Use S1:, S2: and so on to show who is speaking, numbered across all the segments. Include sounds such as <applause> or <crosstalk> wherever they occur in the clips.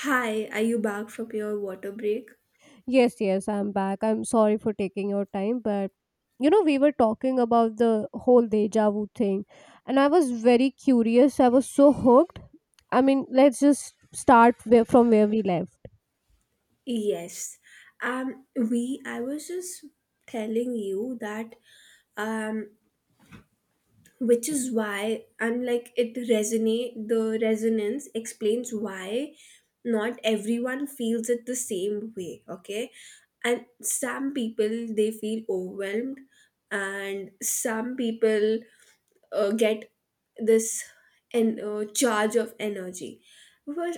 S1: Hi, are you back from your water break?
S2: Yes, yes, I'm back. I'm sorry for taking your time, but you know, we were talking about the whole deja vu thing, and I was very curious. I was so hooked. I mean, let's just start from where we left.
S1: Yes. We I was just telling you that um which is why I'm like it resonate the resonance explains why not everyone feels it the same way, okay? And some people they feel overwhelmed, and some people get this charge of energy, which,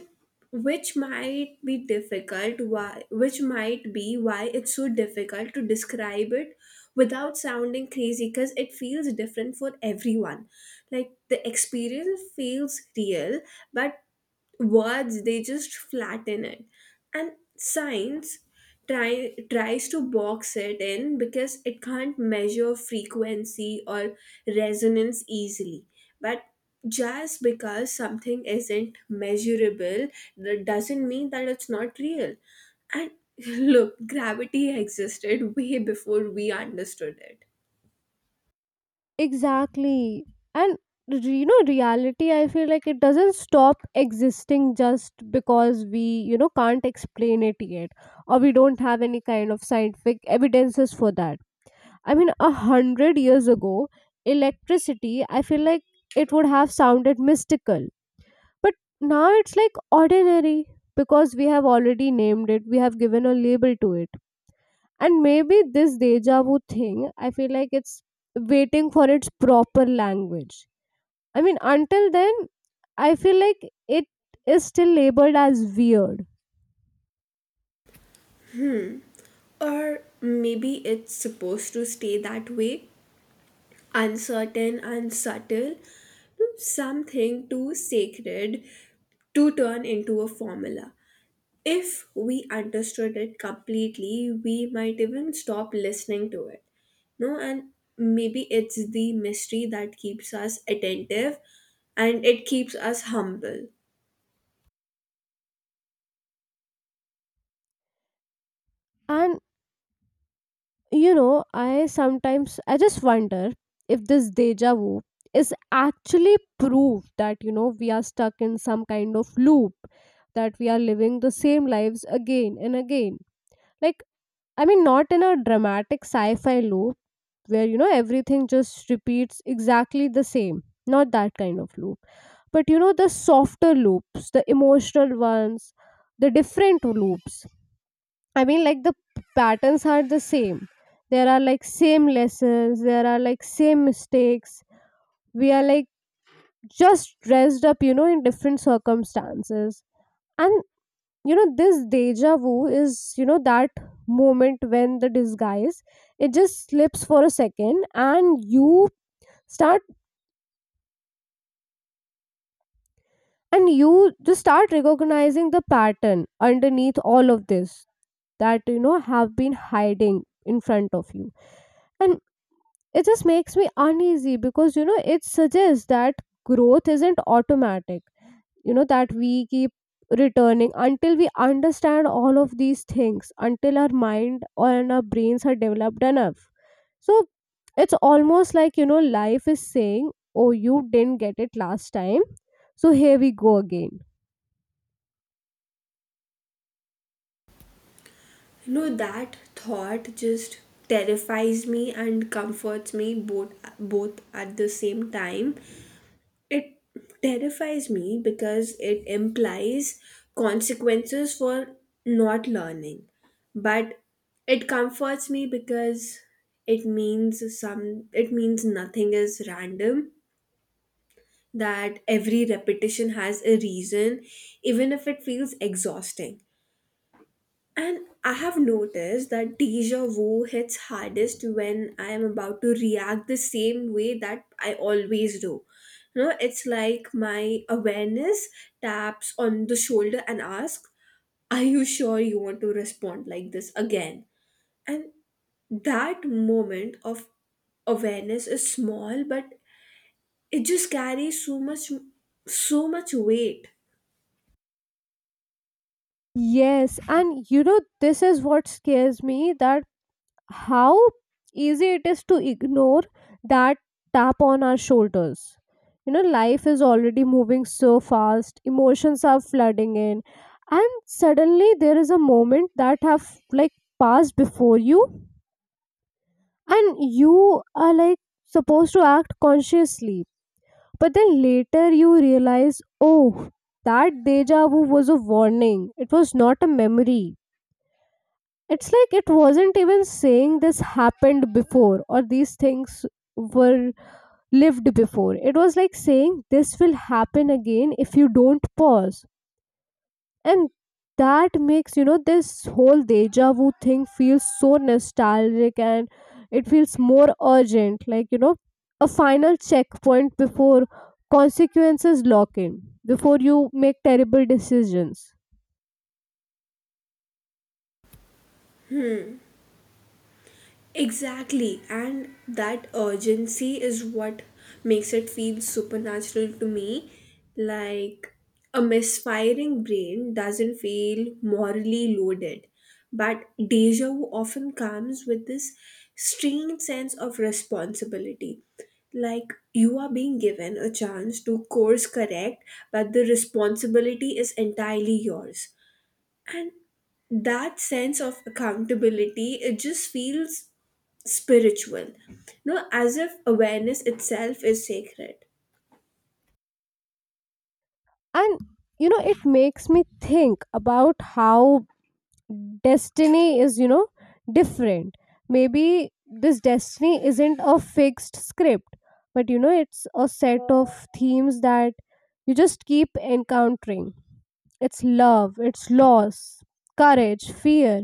S1: which might be difficult why which might be why it's so difficult to describe it without sounding crazy, because it feels different for everyone. Like the experience feels real, but words they just flatten it. And science tries to box it in because it can't measure frequency or resonance easily. But just because something isn't measurable, that doesn't mean that it's not real. And <laughs> look, gravity existed way before we understood it.
S2: Exactly. And you know, reality, I feel like it doesn't stop existing just because we, you know, can't explain it yet or we don't have any kind of scientific evidences for that. I mean, 100 years ago, electricity, I feel like it would have sounded mystical. But now it's like ordinary because we have already named it, we have given a label to it. And maybe this deja vu thing, I feel like it's waiting for its proper language. I mean, until then, I feel like it is still labeled as weird.
S1: Or maybe it's supposed to stay that way, uncertain and subtle, something too sacred to turn into a formula. If we understood it completely, we might even stop listening to it. No, and maybe it's the mystery that keeps us attentive and it keeps us humble.
S2: And you know, I sometimes I just wonder if this deja vu is actually proof that you know we are stuck in some kind of loop, that we are living the same lives again and again. Like I mean, not in a dramatic sci-fi loop, where you know everything just repeats exactly the same, not that kind of loop, but you know the softer loops, the emotional ones, the different loops. I mean like the patterns are the same, there are like same lessons, there are like same mistakes, we are like just dressed up you know in different circumstances. And you know this deja vu is you know that moment when the disguise it just slips for a second and you start, and you just start recognizing the pattern underneath all of this that you know have been hiding in front of you. And it just makes me uneasy because you know it suggests that growth isn't automatic, you know that we keep returning until we understand all of these things, until our mind and our brains are developed enough. So it's almost like you know life is saying, oh, you didn't get it last time, so here we go again.
S1: No, that thought just terrifies me and comforts me both at the same time. It terrifies me because it implies consequences for not learning. But it comforts me because it means nothing is random, that every repetition has a reason, even if it feels exhausting. And I have noticed that deja vu hits hardest when I am about to react the same way that I always do. You know, it's like my awareness taps on the shoulder and asks, are you sure you want to respond like this again? And that moment of awareness is small, but it just carries so much weight.
S2: Yes, and you know, this is what scares me, that how easy it is to ignore that tap on our shoulders. You know, life is already moving so fast, emotions are flooding in, and suddenly there is a moment that have like passed before you, and you are like supposed to act consciously. But then later you realize, oh, that deja vu was a warning, it was not a memory. It's like it wasn't even saying this happened before, or these things were lived before. It was like saying this will happen again if you don't pause. And that makes you know this whole deja vu thing feels so nostalgic, and it feels more urgent, like you know a final checkpoint before consequences lock in, before you make terrible decisions.
S1: Exactly, and that urgency is what makes it feel supernatural to me. Like a misfiring brain doesn't feel morally loaded, but deja vu often comes with this strange sense of responsibility. Like you are being given a chance to course correct, but the responsibility is entirely yours. And that sense of accountability it just feels spiritual. No, as if awareness itself is sacred.
S2: And you know it makes me think about how destiny is you know different. Maybe this destiny isn't a fixed script, but you know it's a set of themes that you just keep encountering. It's love, it's loss, courage, fear.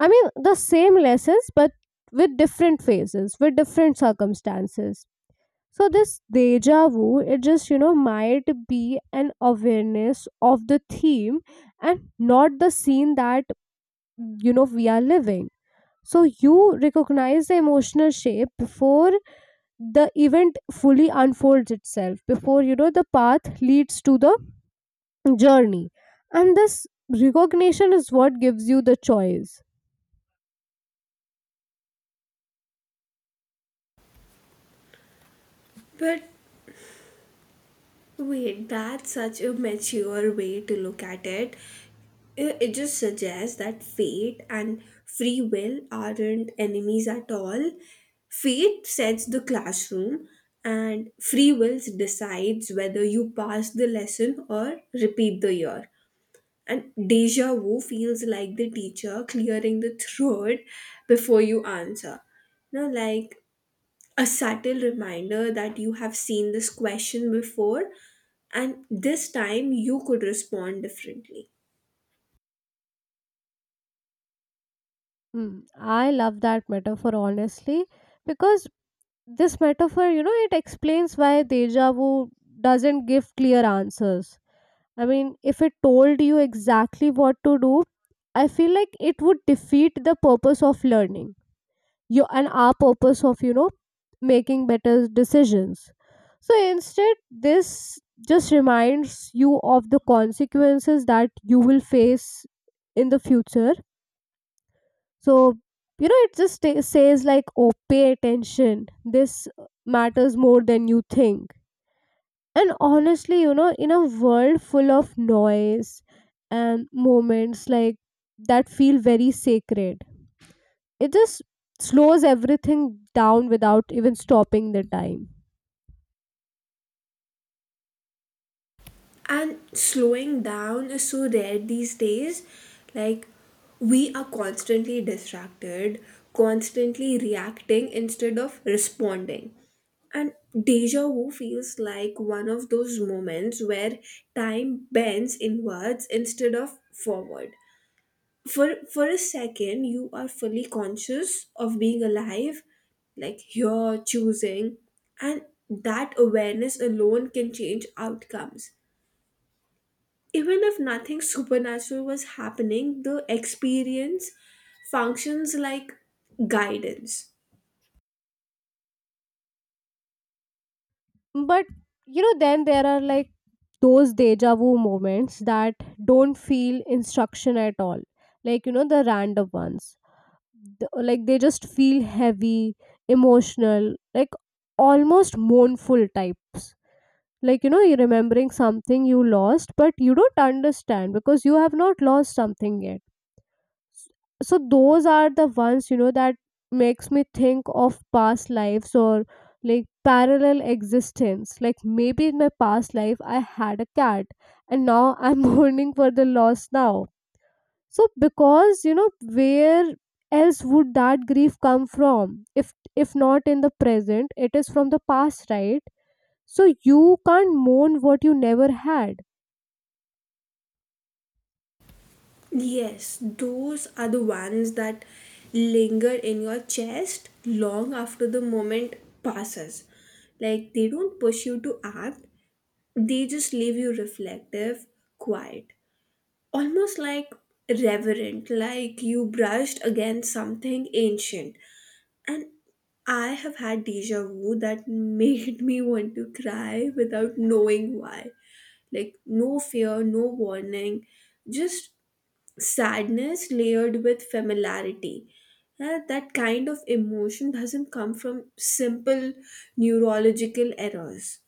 S2: I mean the same lessons but with different phases, with different circumstances. So this deja vu, it just you know might be an awareness of the theme and not the scene that you know we are living. So you recognize the emotional shape before the event fully unfolds itself, before you know the path leads to the journey, and this recognition is what gives you the choice.
S1: But wait, that's such a mature way to look at it. It just suggests that fate and free will aren't enemies at all. Fate sets the classroom, and free will decides whether you pass the lesson or repeat the year. And deja vu feels like the teacher clearing the throat <laughs> before you answer. No, like a subtle reminder that you have seen this question before, and this time you could respond differently.
S2: Mm, I love that metaphor honestly, because this metaphor, you know, it explains why deja vu doesn't give clear answers. I mean, if it told you exactly what to do, I feel like it would defeat the purpose of learning. You and our purpose of, you know, making better decisions. So instead, this just reminds you of the consequences that you will face in the future. So, you know, it just says like, oh, pay attention. This matters more than you think. And honestly, you know, in a world full of noise and moments like that feel very sacred, it just slows everything down without even stopping the time.
S1: And slowing down is so rare these days. Like, we are constantly distracted, constantly reacting instead of responding. And deja vu feels like one of those moments where time bends inwards instead of forward. for for a second you are fully conscious of being alive, like you're choosing, and that awareness alone can change outcomes. Even if nothing supernatural was happening, the experience functions like guidance.
S2: But you know, then there are like those deja vu moments that don't feel instruction at all. Like, you know, the random ones. Like, they just feel heavy, emotional, like almost mournful types. Like, you know, you're remembering something you lost, but you don't understand because you have not lost something yet. S- so those are the ones you know that makes me think of past lives, or like parallel existence, like maybe in my past life I had a cat and now I'm <laughs> mourning for the loss now. So because you know where else would that grief come from if if not in the present it is from the past, right? So you can't mourn what you never had.
S1: Yes, those are the ones that linger in your chest long after the moment passes. Like they don't push you to act, they just leave you reflective, quiet, almost like reverent, like you brushed against something ancient. And I have had deja vu that <laughs> made me want to cry without knowing why. Like, no fear, no warning, just sadness layered with familiarity. That kind of emotion doesn't come from simple neurological errors.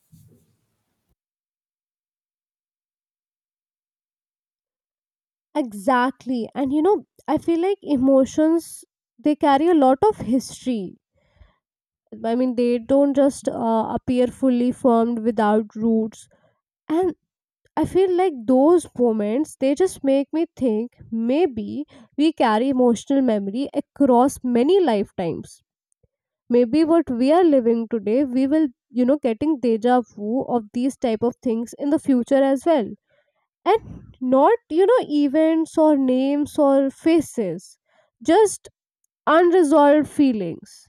S2: Exactly. And you know, I feel like emotions, they carry a lot of history. I mean, they don't just appear fully formed without roots. And I feel like those moments, they just make me think maybe we carry emotional memory across many lifetimes. Maybe what we are living today, we will, you know, getting deja vu of these type of things in the future as well, and not you know events or names or faces, just unresolved feelings.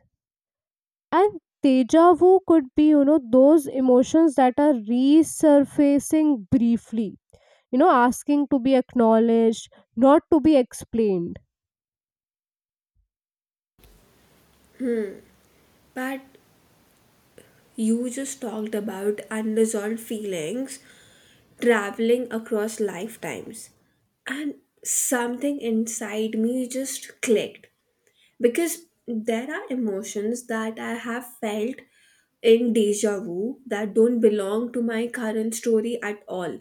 S2: And deja vu could be you know those emotions that are resurfacing briefly, you know asking to be acknowledged, not to be explained.
S1: But you just talked about unresolved feelings traveling across lifetimes. And something inside me just clicked, because there are emotions that I have felt in deja vu that don't belong to my current story at all.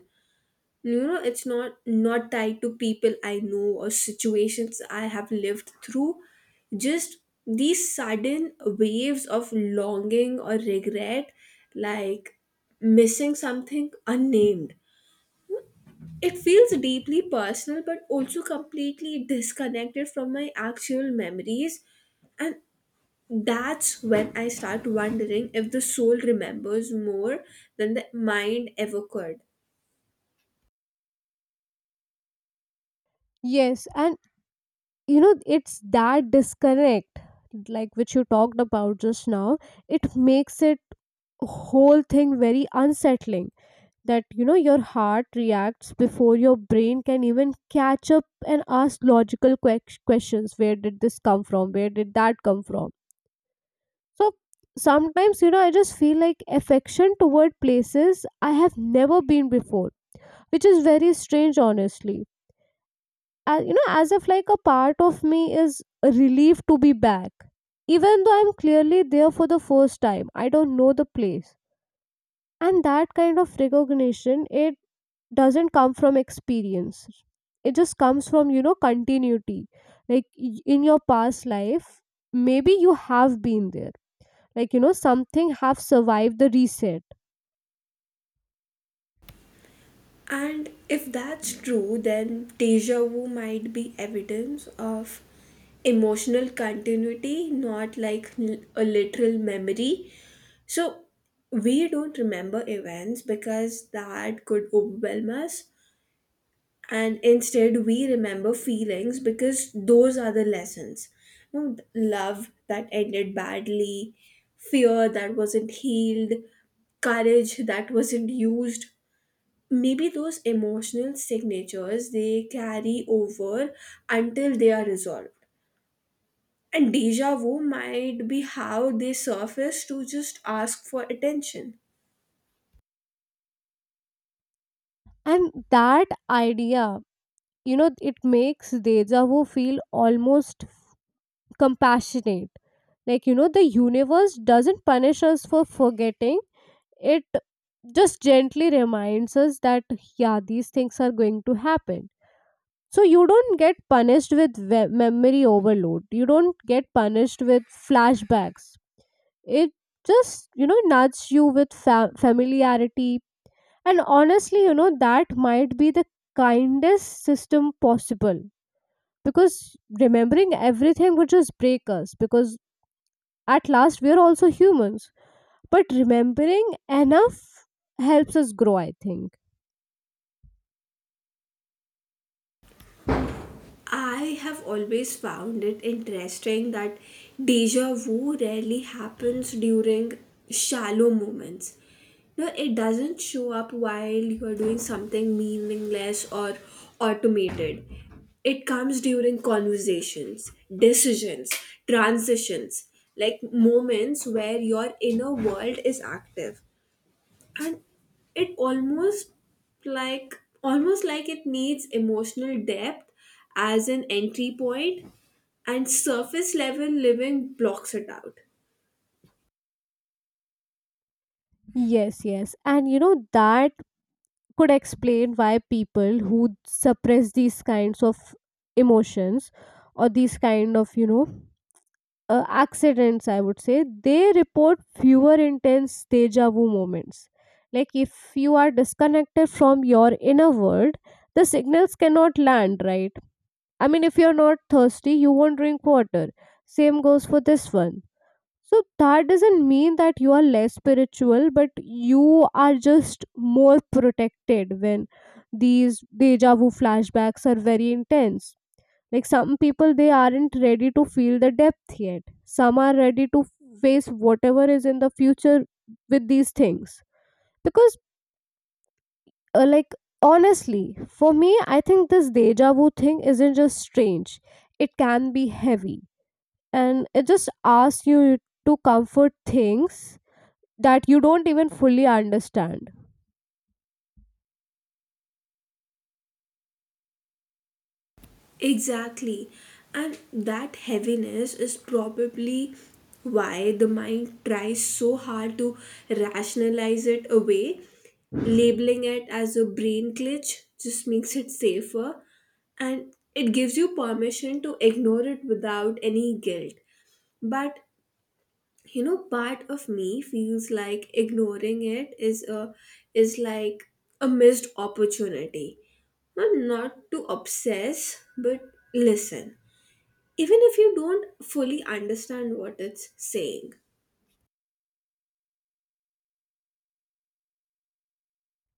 S1: You know, it's not tied to people I know or situations I have lived through, just these sudden waves of longing or regret, like missing something unnamed. It feels deeply personal but also completely disconnected from my actual memories. And that's when I start wondering if the soul remembers more than the mind ever could.
S2: Yes, and you know it's that disconnect, like which you talked about just now, it makes it whole thing very unsettling, that you know your heart reacts before your brain can even catch up and ask logical questions. Where did this come from, where did that come from? So sometimes you know I just feel like affection toward places I have never been before, which is very strange honestly. You know, as if like a part of me is relieved to be back, even though I'm clearly there for the first time, I don't know the place. And that kind of recognition, it doesn't come from experience, it just comes from you know continuity. Like in your past life maybe you have been there, like you know something have survived the reset.
S1: And if that's true, then deja vu might be evidence of emotional continuity, not like a literal memory. So we don't remember events because that could overwhelm us. And instead, we remember feelings because those are the lessons. You know, love that ended badly, fear that wasn't healed, courage that wasn't used, maybe those emotional signatures they carry over until they are resolved. And deja vu might be how they surface to just ask for attention.
S2: And that idea you know it makes deja vu feel almost compassionate, like you know the universe doesn't punish us for forgetting, it just gently reminds us that yeah these things are going to happen. So you don't get punished with memory overload, you don't get punished with flashbacks. It just you know nudges you with familiarity. And honestly you know that might be the kindest system possible, because remembering everything would just break us, because at last we are also humans. But remembering enough helps us grow I think.
S1: I have always found it interesting that deja vu rarely happens during shallow moments. No, it doesn't show up while you're doing something meaningless or automated. It comes during conversations, decisions, transitions, like moments where your inner world is active. And it like almost like it needs emotional depth as an entry point, and surface level living blocks it out.
S2: Yes, yes, and you know that could explain why people who suppress these kinds of emotions, or these kind of you know accidents I would say, they report fewer intense deja vu moments. Like if you are disconnected from your inner world, the signals cannot land right. I mean if you're not thirsty you won't drink water, same goes for this one. So that doesn't mean that you are less spiritual, but you are just more protected when these deja vu flashbacks are very intense. Like some people, they aren't ready to feel the depth yet. Some are ready to face whatever is in the future with these things. Because, like, honestly, for me, I think this deja vu thing isn't just strange, it can be heavy. And it just asks you to comfort things that you don't even fully understand.
S1: Exactly, and that heaviness is probably why the mind tries so hard to rationalize it away. Labeling it as a brain glitch just makes it safer, and it gives you permission to ignore it without any guilt. But you know, part of me feels like ignoring it is like a missed opportunity. Not not to obsess, but listen, even if you don't fully understand what it's saying.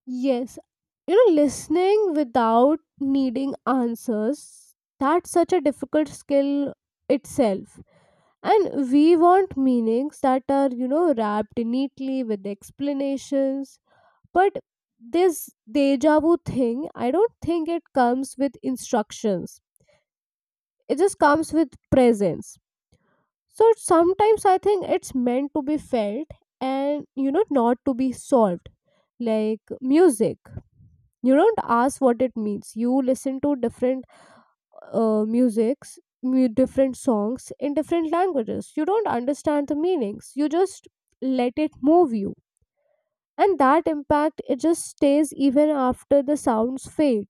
S2: Yes, you know, listening without needing answers, that's such a difficult skill itself. And we want meanings that are you know wrapped neatly with explanations, but this deja vu thing I don't think it comes with instructions, it just comes with presence. So sometimes I think it's meant to be felt, and you know not to be solved. Like music, you don't ask what it means, you listen to different musics different songs in different languages, you don't understand the meanings, you just let it move you. And that impact it just stays even after the sounds fade.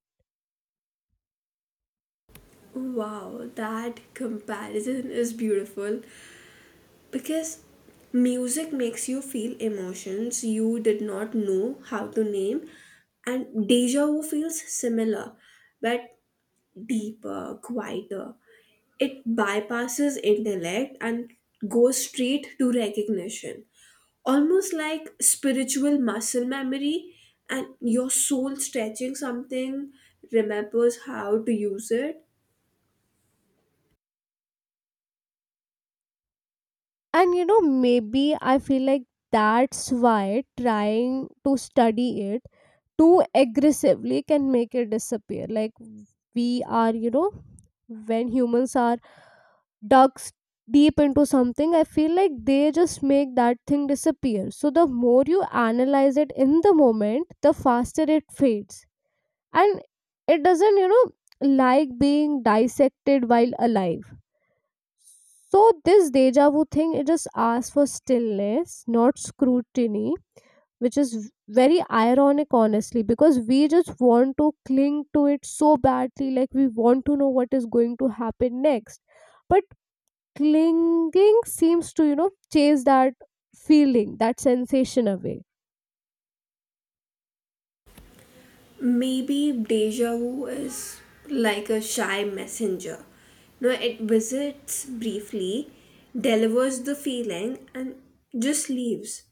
S1: Wow, that comparison is beautiful, because music makes you feel emotions you did not know how to name. And deja vu feels similar, but deeper, quieter. It bypasses intellect and goes straight to recognition, almost like spiritual muscle memory, and your soul stretching something remembers how to use it.
S2: And you know maybe I feel like that's why trying to study it too aggressively can make it disappear. Like we are you know, when humans are ducks deep into something, I feel like they just make that thing disappear. So the more you analyze it in the moment, the faster it fades. And it doesn't you know, like being dissected while alive. So this deja vu thing it just asks for stillness, not scrutiny. Which is very ironic honestly, because we just want to cling to it so badly, like we want to know what is going to happen next. But clinging seems to you know chase that feeling, that sensation away.
S1: Maybe deja vu is like a shy messenger. No, it visits briefly, delivers the feeling, and just leaves.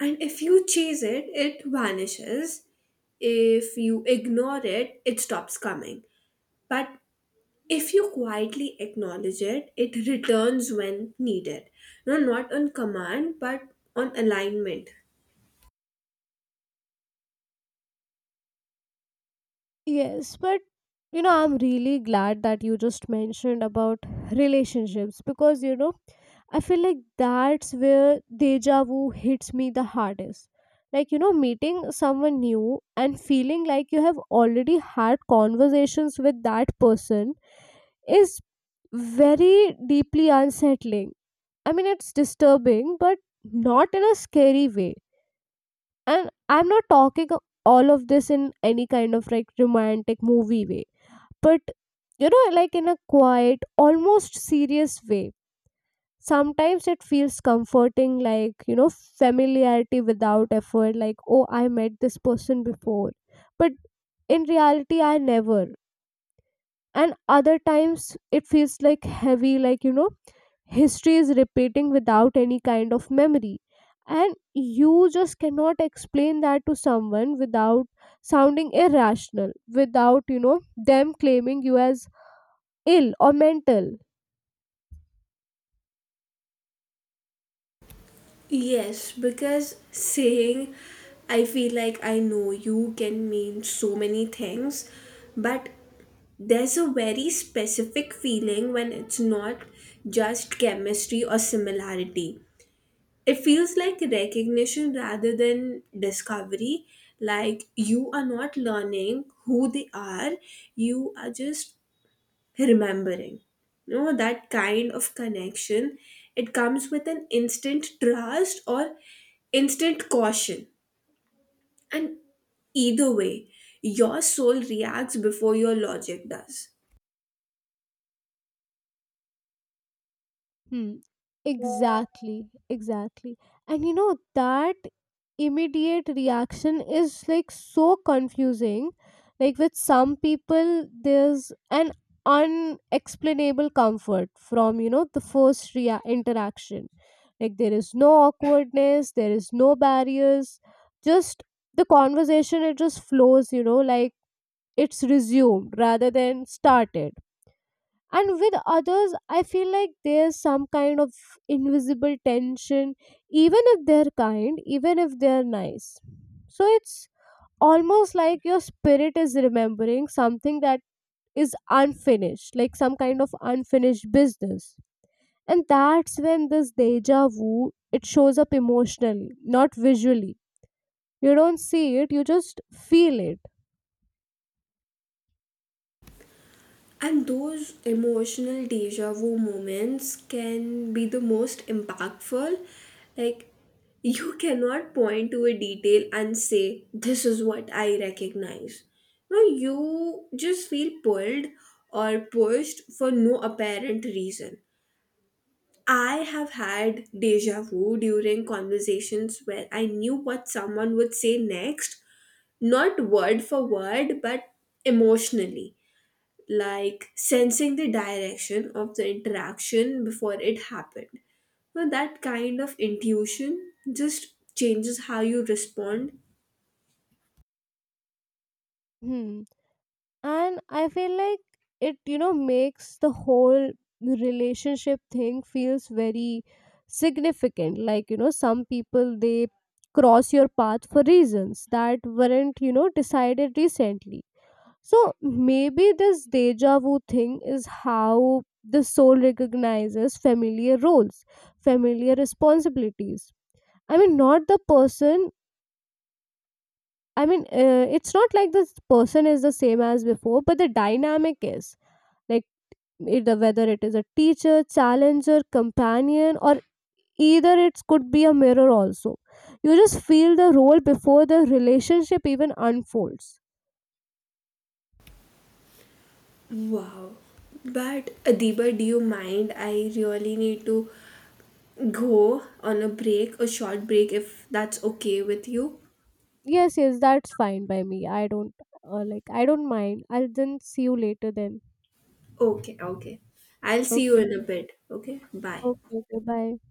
S1: And if you chase it, it vanishes. If you ignore it, it stops coming. But if you quietly acknowledge it, it returns when needed. No, not on command, but on alignment.
S2: Yes, but you know I'm really glad that you just mentioned about relationships, because you know I feel like that's where deja vu hits me the hardest. Like you know meeting someone new and feeling like you have already had conversations with that person is very deeply unsettling. I mean it's disturbing but not in a scary way. And I'm not talking all of this in any kind of like romantic movie way, but you know like in a quiet almost serious way. Sometimes it feels comforting like you know familiarity without effort, like oh I met this person before, but in reality I never. And other times it feels like heavy, like you know history is repeating without any kind of memory. And you just cannot explain that to someone without sounding irrational, without you know them claiming you as ill or mental.
S1: Yes, because saying I feel like I know you can mean so many things, but there's a very specific feeling when it's not just chemistry or similarity. It feels like recognition rather than discovery. Like you are not learning who they are, you are just remembering. You know, that kind of connection, it comes with an instant trust or instant caution. And either way, your soul reacts before your logic does.
S2: Hmm. Exactly. Exactly. And you know, that immediate reaction is like so confusing. Like with some people, there's an unexplainable comfort from, you know, the first interaction. Like there is no awkwardness, there is no barriers, just the conversation, it just flows, you know, like it's resumed rather than started. And with others I feel like there's some kind of invisible tension, even if they're kind, even if they're nice. So it's almost like your spirit is remembering something that is unfinished, like some kind of unfinished business. And that's when this deja vu it shows up emotionally, not visually. You don't see it, you just feel it.
S1: And those emotional deja vu moments can be the most impactful. Like, you cannot point to a detail and say, this is what I recognize. No, you just feel pulled or pushed for no apparent reason. I have had deja vu during conversations where I knew what someone would say next, not word for word, but emotionally, like sensing the direction of the interaction before it happened. Now, that kind of intuition just changes how you respond.
S2: Hmm. And I feel like it you know makes the whole relationship thing feels very significant, like you know some people they cross your path for reasons that weren't you know decided recently. So maybe this deja vu thing is how the soul recognizes familiar roles, familiar responsibilities. I mean not the person. I mean, it's not like this person is the same as before, but the dynamic is like it, whether it is a teacher, challenger, companion, or either it could be a mirror also. You just feel the role before the relationship even unfolds.
S1: Wow. But Adiba, do you mind? I really need to go on a break, a short break, If that's okay with you.
S2: Yes, yes, that's fine by me. I don't like. I don't mind. I'll then see you later. Then
S1: Okay, okay. I'll see you in
S2: okay,
S1: a bit. Okay, bye.
S2: okay, okay. Bye.